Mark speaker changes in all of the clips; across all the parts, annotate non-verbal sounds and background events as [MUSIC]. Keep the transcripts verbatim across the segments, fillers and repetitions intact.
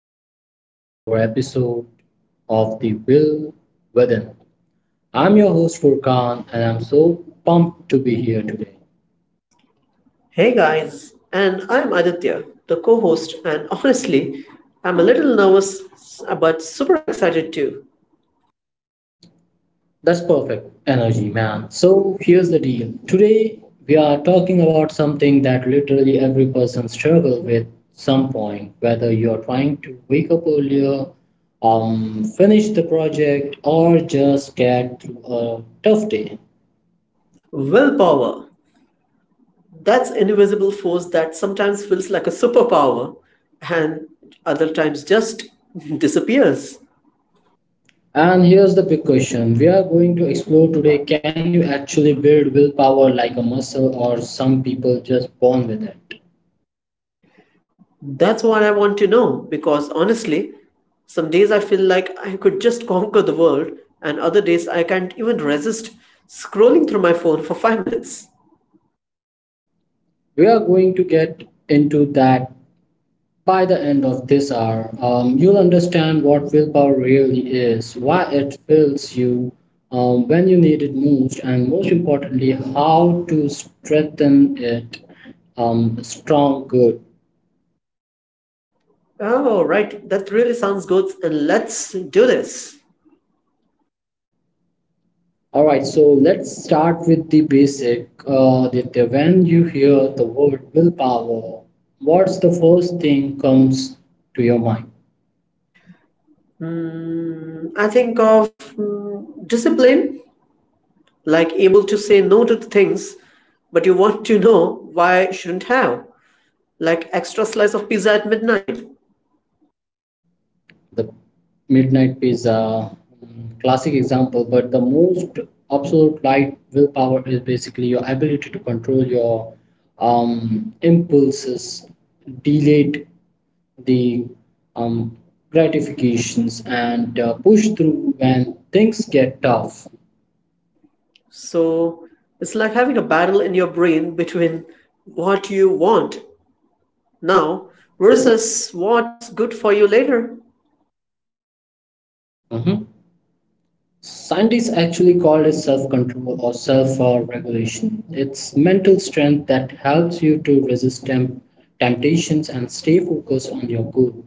Speaker 1: welcome to our episode of The Will Within. I'm your host, Furkan, and I'm so pumped to be here today.
Speaker 2: Hey guys, and I'm Aditya, the co host, and honestly, I'm a little nervous but super excited too.
Speaker 1: That's perfect energy, man. So, here's the deal. Today, we are talking about something that literally every person struggles with some point, whether you're trying to wake up earlier, um, finish the project, or just get through a tough day.
Speaker 2: Willpower, that's invisible force that sometimes feels like a superpower and other times just [LAUGHS] disappears.
Speaker 1: And here's the big question we are going to explore today, can you actually build willpower like a muscle, or some people just born with it?
Speaker 2: That's what I want to know because honestly, some days I feel like I could just conquer the world, and other days I can't even resist scrolling through my phone for five minutes.
Speaker 1: We are going to get into that by the end of this hour. Um, you'll understand what willpower really is, why it fills you um, when you need it most, and most importantly, how to strengthen it um, strong, good.
Speaker 2: Oh, right. That really sounds good. And let's do this.
Speaker 1: All right, so let's start with the basic. Uh, Aditya, when you hear the word willpower, what's the first thing comes to your mind?
Speaker 2: I think of mm, discipline, like able to say no to the things, but you want to know why shouldn't have, like extra slice of pizza at midnight.
Speaker 1: The midnight pizza, mm, classic example, but the most absolute light willpower is basically your ability to control your um, impulses, delay the um, gratifications, and uh, push through when things get tough.
Speaker 2: So it's like having a battle in your brain between what you want now versus what's good for you later.
Speaker 1: Mhm. Sand is actually called as self control or self uh, regulation. It's mental strength that helps you to resist temp- temptations and stay focused on your goal.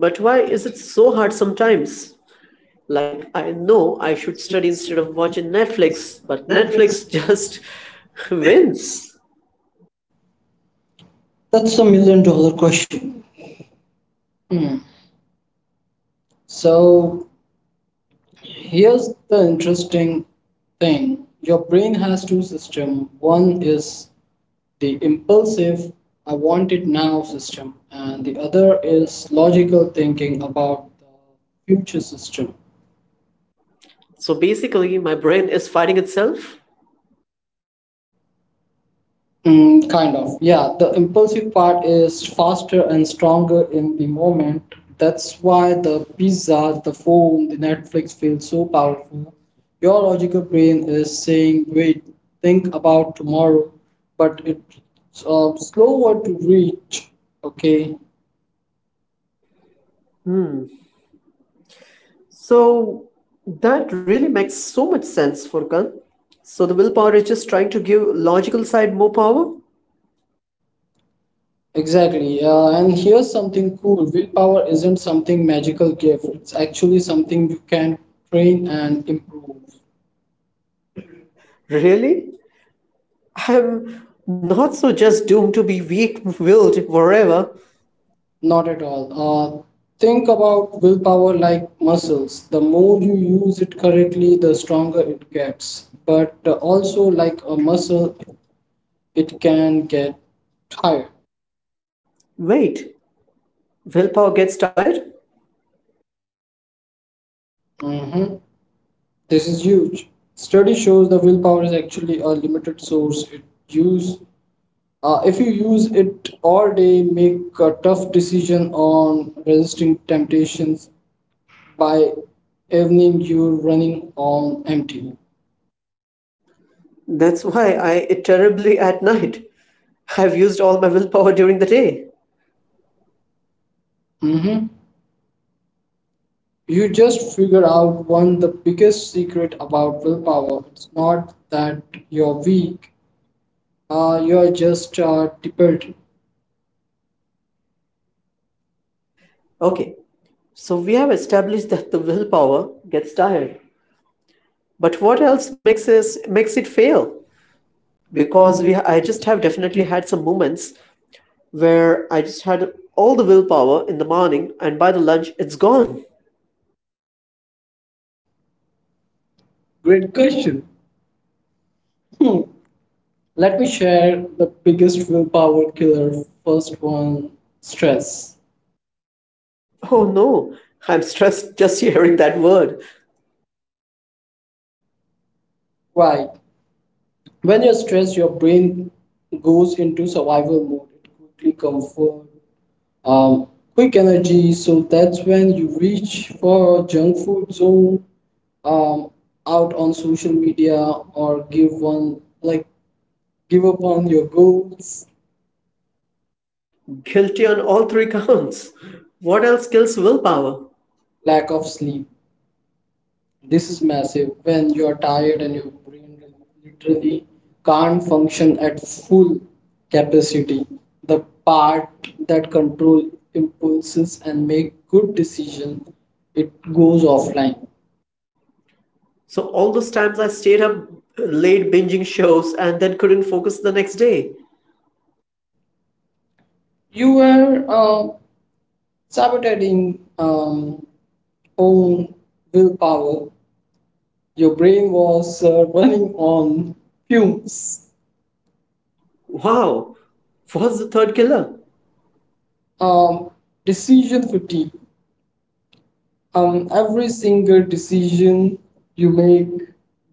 Speaker 2: But why is it so hard sometimes? Like, I know I should study instead of watching Netflix, but
Speaker 1: That makes
Speaker 2: Netflix
Speaker 1: sense.
Speaker 2: just [LAUGHS] wins.
Speaker 1: That's a million dollar question. Hmm. So here's the interesting thing. Your brain has two systems. One is the impulsive, I want it now system, and the other is logical thinking about the future system.
Speaker 2: So basically, my brain is fighting itself.
Speaker 1: Mm, kind of. Yeah, the impulsive part is faster and stronger in the moment. That's why the pizza, the phone, the Netflix feel so powerful. Your logical brain is saying, wait, think about tomorrow, but it's uh, slower to reach. Okay,
Speaker 2: So that really makes so much sense, Furkan. So the willpower is just trying to give logical side more power?
Speaker 1: exactly. Uh, and here's something cool, willpower isn't something magical gift, it's actually something you can train and improve.
Speaker 2: Really? I'm not so just doomed to be weak-willed forever.
Speaker 1: Not at all. Uh, think about willpower like muscles. The more you use it correctly, the stronger it gets. But uh, also, like a muscle, it can get tired.
Speaker 2: Wait, willpower gets tired?
Speaker 1: Hmm. This is huge. Study shows the willpower is actually a limited source. It use uh, If you use it all day, make a tough decision on resisting temptations. By evening, you're running on empty.
Speaker 2: That's why I eat terribly at night. I've used all my willpower during the day.
Speaker 1: Mhm. You just figure out one the biggest secret about willpower. It's not that you're weak, uh, you're just uh, depleted.
Speaker 2: Okay, so we have established that the willpower gets tired. But what else makes us makes it fail? Because we I just have definitely had some moments where I just had all the willpower in the morning and by the lunch it's gone.
Speaker 1: Great question. Hmm. Let me share the biggest willpower killer. First one, stress.
Speaker 2: Oh no, I'm stressed just hearing that word.
Speaker 1: Right. When you're stressed, your brain goes into survival mode. It quickly comfort, um, quick energy. So that's when you reach for junk food, zone um, out on social media, or give one like give up on your goals.
Speaker 2: Guilty on all three counts. What else kills willpower?
Speaker 1: Lack of sleep, this is massive. When you are tired and your brain literally can't function at full capacity, the part that control impulses and make good decision, it goes offline.
Speaker 2: So all those times I stayed up late binging shows and then couldn't focus the next day.
Speaker 1: You were uh, sabotaging um, own willpower. Your brain was uh, running on fumes.
Speaker 2: Wow, what's the third killer?
Speaker 1: Um, Decision fatigue. Um, every single decision you make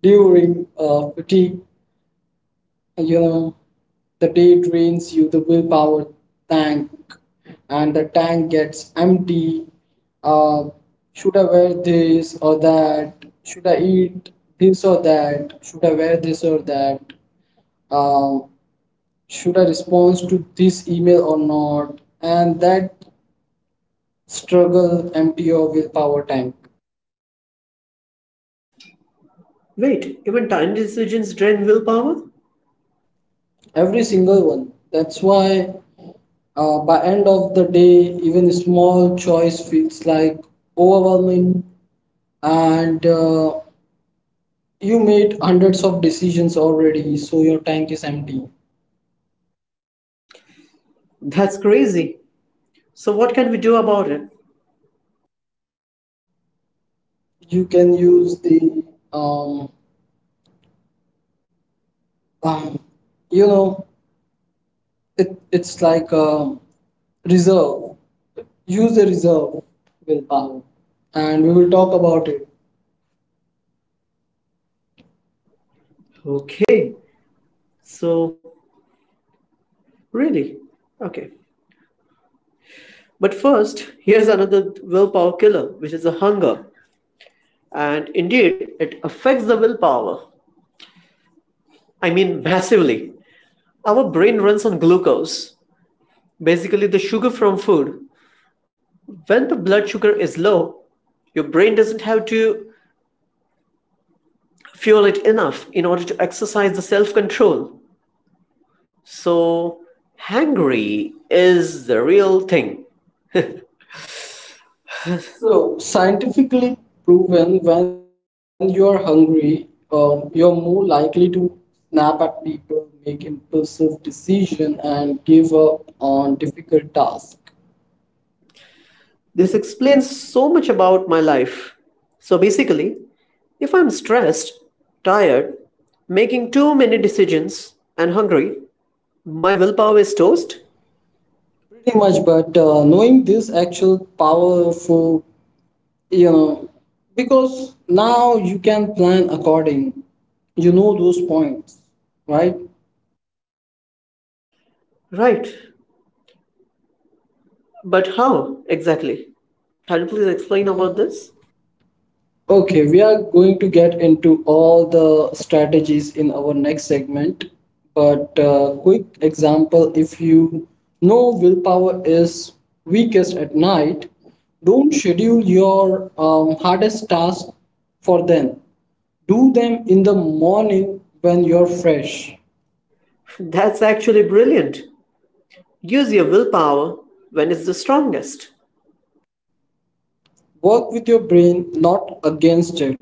Speaker 1: during uh, fatigue, you know, the day drains you, the willpower tank, and the tank gets empty. Uh, should I wear this or that? Should I eat this or that? Should I wear this or that? Um, should I respond to this email or not? And that struggle empty your willpower tank.
Speaker 2: Wait, even tiny decisions drain willpower?
Speaker 1: Every single one. That's why uh, by end of the day, even small choice feels like overwhelming, and uh, you made hundreds of decisions already, so your tank is empty.
Speaker 2: That's crazy. So, what can we do about it?
Speaker 1: You can use the um, um you know it, it's like a reserve, use the reserve willpower, and we will talk about it.
Speaker 2: Okay, so really? Okay. But first, here's another willpower killer, which is a hunger. And indeed, it affects the willpower. I mean, massively. Our brain runs on glucose, basically the sugar from food. When the blood sugar is low, your brain doesn't have to fuel it enough in order to exercise the self control. So, Hungary is the real thing.
Speaker 1: So
Speaker 2: So,
Speaker 1: scientifically proven, when you are hungry um, you're more likely to snap at people, make impulsive decision, and give up on difficult tasks. This
Speaker 2: this
Speaker 1: explains
Speaker 2: explains so much about my life. So, basically, if I'm stressed, tired, making too many decisions, and hungry, my willpower is
Speaker 1: why
Speaker 2: toast?
Speaker 1: pretty much. But uh, knowing this actual powerful, you know, because now you can plan according, you know, those points, right?
Speaker 2: Right. But how exactly? Can you please explain about this?
Speaker 1: Okay, we are going to get into all the strategies in our next segment, but uh, quick example, if you know willpower is weakest at night, don't schedule your um, hardest task for then. Do them in the morning when you're fresh.
Speaker 2: [LAUGHS] That's actually brilliant. Use your willpower when it's the strongest.
Speaker 1: Work with your brain, not against it.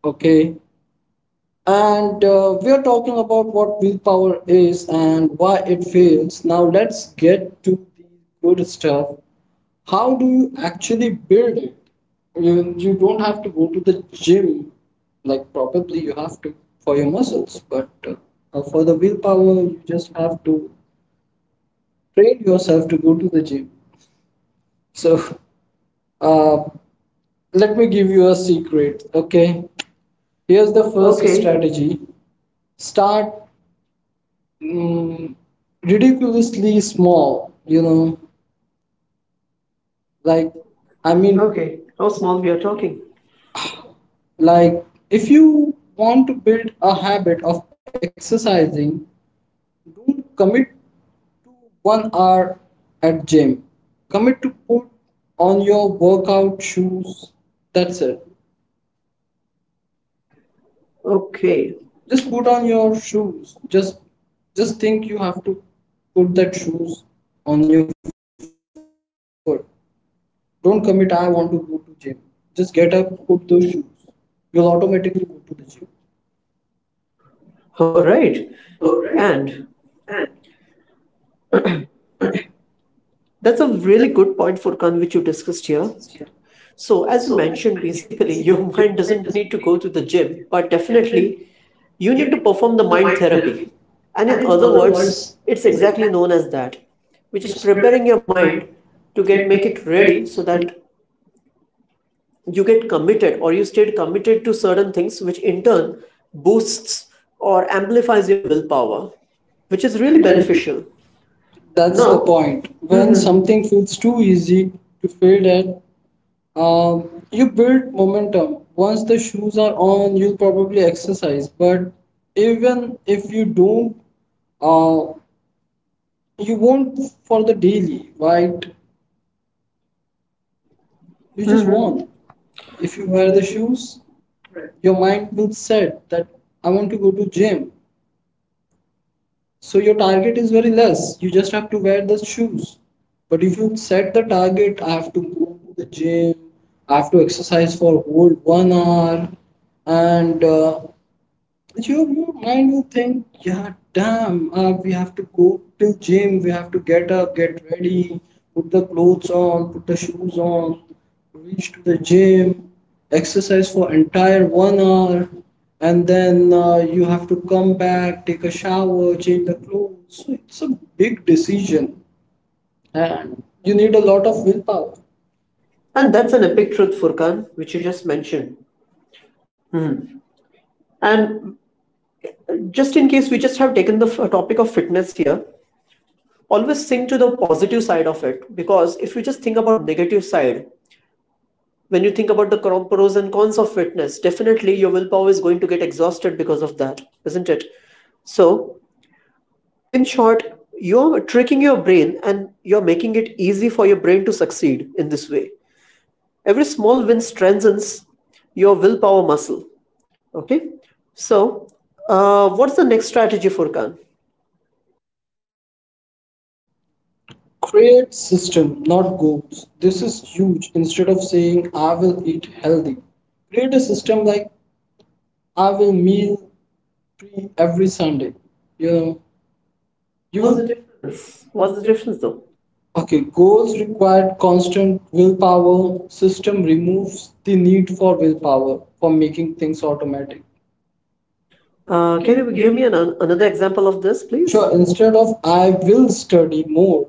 Speaker 1: Okay. And uh, we are talking about what willpower is and why it fails. Now let's get to the good stuff. How do you actually build it? You, you don't have to go to the gym. Like probably you have to for your muscles, but uh, uh, for the willpower, you just have to train yourself to go to the gym. So [LAUGHS] uh, let me give you a secret. Okay, here's
Speaker 2: Here's
Speaker 1: the
Speaker 2: the first
Speaker 1: first. Okay,
Speaker 2: okay step.
Speaker 1: strategy. Start mm, ridiculously small, you know, like I
Speaker 2: I mean-
Speaker 1: mean. Okay,
Speaker 2: okay, how small we are talking.
Speaker 1: like if you want to build a habit of exercising, don't commit to one hour at gym, commit to put on your workout shoes, that's it.
Speaker 2: Okay.
Speaker 1: Just put on your shoes, just just think you have to put that shoes on your foot. Don't commit, I want to go to gym. Just get up, put those shoes. You'll automatically go to the gym.
Speaker 2: All right. And that's a really good point, Furkan, which you discussed here. So, as you mentioned, basically, [LAUGHS] your mind doesn't need to go to the gym, but definitely you need to perform the mind therapy. And in other words, it's exactly known as that, which is preparing your mind to get make it ready so that you get committed or you stayed committed to certain things, which in turn boosts or amplifies your willpower, which is really beneficial.
Speaker 1: That's the
Speaker 2: No.
Speaker 1: point. When
Speaker 2: Wear something
Speaker 1: something
Speaker 2: with
Speaker 1: feels
Speaker 2: two
Speaker 1: too
Speaker 2: in
Speaker 1: easy to fail at, um, you build momentum. Once the shoes are on, you'll probably exercise. But even if you don't, uh, you won't for the daily, right? You just
Speaker 2: your
Speaker 1: won't.
Speaker 2: own.
Speaker 1: If
Speaker 2: If
Speaker 1: you
Speaker 2: you
Speaker 1: wear
Speaker 2: wear
Speaker 1: the
Speaker 2: the shoes,
Speaker 1: shoes, your mind will set that I want to go to gym. So your target is very less. You just have to wear the shoes. But if you set the target, I have to go to the gym, I have to exercise for whole one hour, and uh, your your mind will think, yeah, damn, uh, we have to go to gym, we have to get up, get ready, put the clothes on, put the shoes on, reach to the gym, exercise for entire one hour, and then uh, you have to come back, take a shower, change the clothes. So it's a big decision, and you need a lot of willpower.
Speaker 2: and that's an epic truth, Furkan, which you just mentioned. And just in case we just have taken the f- uh, topic of fitness here, always think to the positive side of it because if you just think about negative side, when you think about the cro- pros and cons of fitness, definitely your willpower is going to get exhausted because of that, isn't it? So, in short, you're tricking your brain and you're making it easy for your brain to succeed in this way. Every small win strengthens your willpower muscle. Okay. So, uh, what's the next strategy for Khan?
Speaker 1: Create system, not goals. This is huge. Instead of saying I will eat healthy, create a system like I will meal pre every Sunday. You know,
Speaker 2: Difference. What's the difference though?
Speaker 1: okay, goals required constant willpower. System removes the need for willpower for making things automatic.
Speaker 2: Uh, can you give me an, another example of this, please?
Speaker 1: Sure,
Speaker 2: So instead
Speaker 1: instead of I will study more,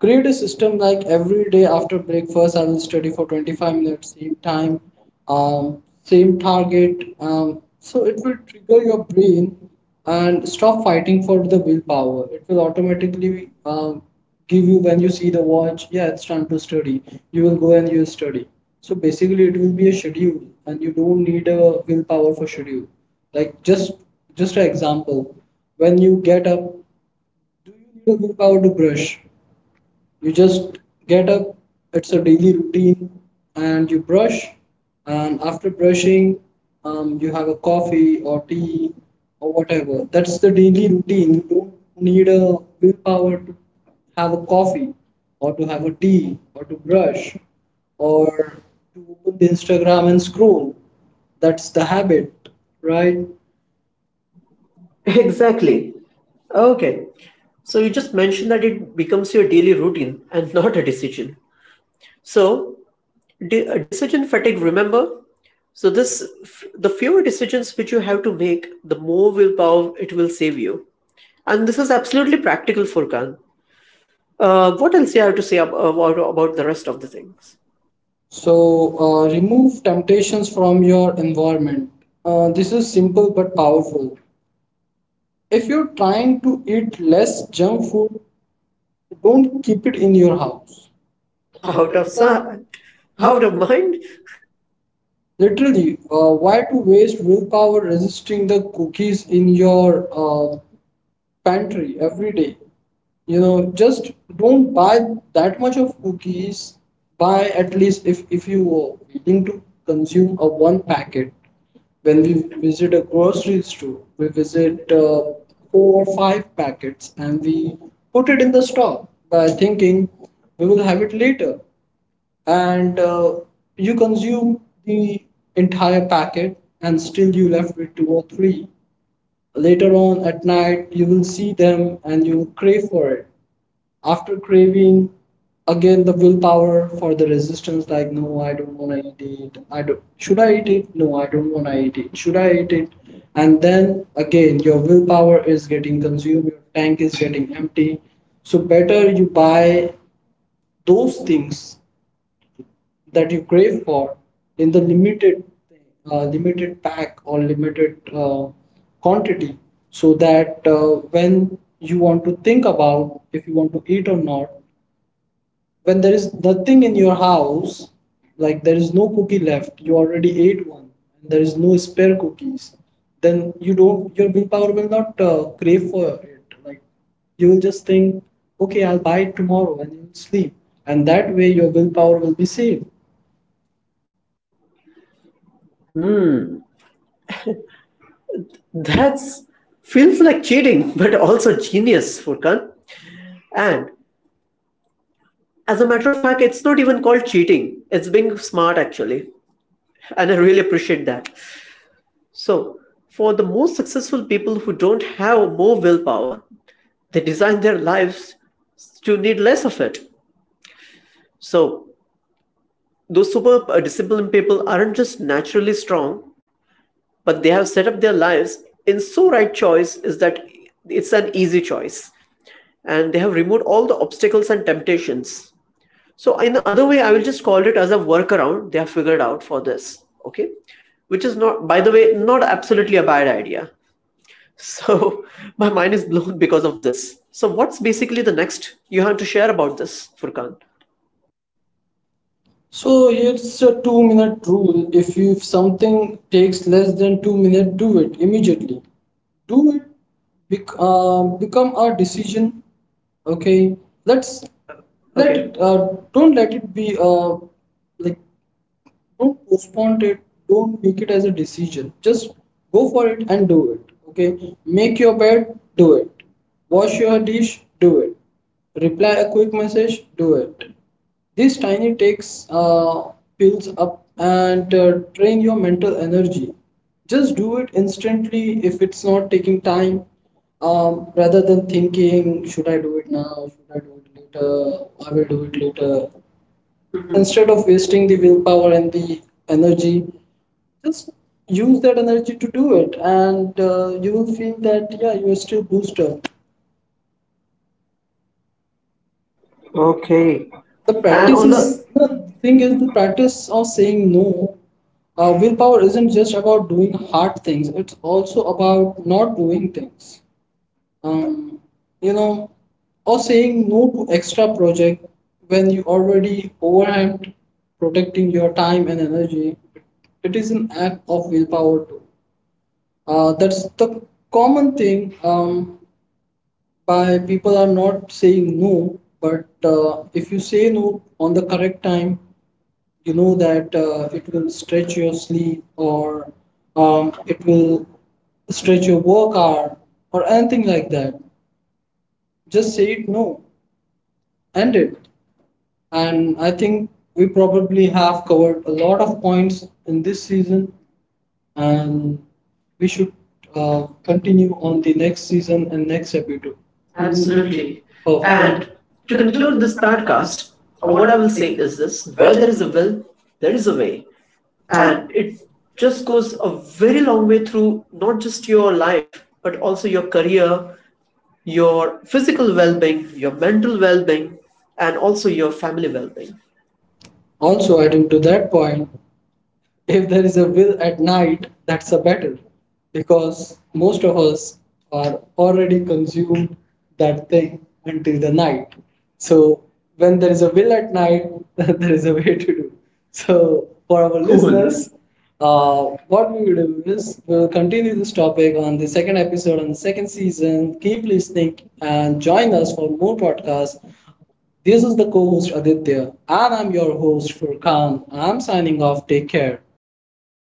Speaker 1: create a system like every day after breakfast, I will study for twenty-five minutes, same time, um, same target. Um, so it will trigger your brain and stop fighting for the willpower. It will automatically
Speaker 2: automatically
Speaker 1: um, give you when you see the watch, yeah, it's time to study. You will go and you study. So basically, it will be a schedule, and you don't need a willpower for schedule. Like just just an example, when you get up, do you need a willpower to brush? You just get up, it's a daily routine, and you brush, and after brushing um, you have a coffee or tea or whatever. That's the daily routine, you don't need a willpower to have a coffee or to have a tea or to brush or to open the instagram and scroll. That's the habit, right?
Speaker 2: [LAUGHS] exactly. Okay. So you just mentioned that it becomes your daily routine and [LAUGHS] not a decision. So de- decision fatigue. Remember. So this, f- the fewer decisions which you have to make, the more willpower it will save you. And this is absolutely practical, Furkan. Uh, what else you have to say ab- uh, about, about the rest of the things?
Speaker 1: So uh, remove temptations from your environment. Uh, this is simple but powerful. If you're trying to eat less junk food, don't keep it in your house.
Speaker 2: [LAUGHS]
Speaker 1: Out
Speaker 2: Out
Speaker 1: of
Speaker 2: of
Speaker 1: sight,
Speaker 2: sight,
Speaker 1: out.
Speaker 2: out of mind.
Speaker 1: Literally, uh, why to waste willpower resisting the cookies in your uh, pantry every day. You know, just don't buy that much of cookies. Buy at least, if if you are willing to consume a one packet. When we visit a grocery store, we visit uh, four or five packets and we put it in the stock by thinking we will have it later. And uh, you consume the entire packet and still you left with two or three. Later on at night, you will see them and you will crave for it. After craving, again the willpower for the resistance like, no, I don't want to eat it. I don't, should I eat it? No, I don't want to eat it. Should I eat it? And then again, your willpower is getting consumed, your tank is getting empty. So, better you buy those things that you crave for in the limited uh, limited pack or limited uh, quantity, so that uh, when you want to think about if you want to eat or not, when there is nothing in your house, like there is no cookie left, you already ate one, and there is no spare cookies, then you don't, your willpower will not uh, crave for it. Like you will just think, okay, I'll buy it tomorrow, and you'll sleep, and that way your willpower will be saved.
Speaker 2: That's feels like cheating, but also genius, Furkan. And as a matter of fact, it's not even called cheating. It's being smart actually, and I really appreciate that. So, for the most successful people who don't have more willpower, they design their lives to need less of it. So, those superb uh, disciplined people aren't just naturally strong, but they have set up their lives in so right choice is that it's an easy choice. And they have removed all the obstacles and temptations. So in the other way, I will just call it as a workaround they have figured out for this. Okay. Which is not, by the way, not absolutely a bad idea. So [LAUGHS] my mind is blown because of this. So what's basically the next you have to share about this, Furkan?
Speaker 1: So it's a two minute rule. If you if something takes less than two minutes, do it immediately. Do it. Bec- uh, become a decision. Okay. Let's
Speaker 2: Uh,
Speaker 1: let
Speaker 2: okay.
Speaker 1: it.
Speaker 2: That,
Speaker 1: Uh,
Speaker 2: uh,
Speaker 1: don't let it be uh, like, don't postpone it, don't make it as a decision, just go for it and do it. Okay, make your bed, do it. Wash your dish, do it. Reply a quick message, do it. These tiny takes uh, builds up and uh, drain your mental energy. Just do it instantly if it's not taking time, um, rather than thinking should I do it now, should I do it later, I will do it later.
Speaker 2: mhm.
Speaker 1: Instead
Speaker 2: Instead
Speaker 1: of
Speaker 2: of
Speaker 1: wasting the willpower and the energy, just use that energy to do it, and uh, you will feel that yeah, you are still booster.
Speaker 2: okay.
Speaker 1: the
Speaker 2: The
Speaker 1: practice
Speaker 2: and on process the
Speaker 1: the
Speaker 2: is the
Speaker 1: thing is
Speaker 2: thing
Speaker 1: the
Speaker 2: is-
Speaker 1: practice of saying no. Uh, willpower isn't just about doing hard things, it's also about not doing things. Um, you know, or saying no to extra project when you already overwhelmed, protecting your time and energy, it is an act of willpower too. Uh, that's the common thing, um, by people are not saying no. But uh, if you say no on the correct time, you know that uh, it will stretch your sleep or um, it will stretch your work hour or anything like that, just say it no, end it. And I think we probably have covered a lot of points in this season, and we should uh, continue on the next season and next episode.
Speaker 2: Absolutely. And to conclude this podcast, uh, what I will say is this: where there is a will, there is a way. And it just goes a very long way through not just your life, but also your career, your physical well being, your mental well being, and also your family well being.
Speaker 1: Also adding to that point, if there is a will at night, that's a battle, because most of us are already consumed that thing until the night. So when there is a will at night, [LAUGHS] there is a way to do. So for our
Speaker 2: Cool.
Speaker 1: listeners, uh, what we will do is we will continue this topic on the second episode on the second season. Keep listening and join us for more podcasts. This is the co-host Aditya, and I'm your host Furkan. I'm signing off. Take care.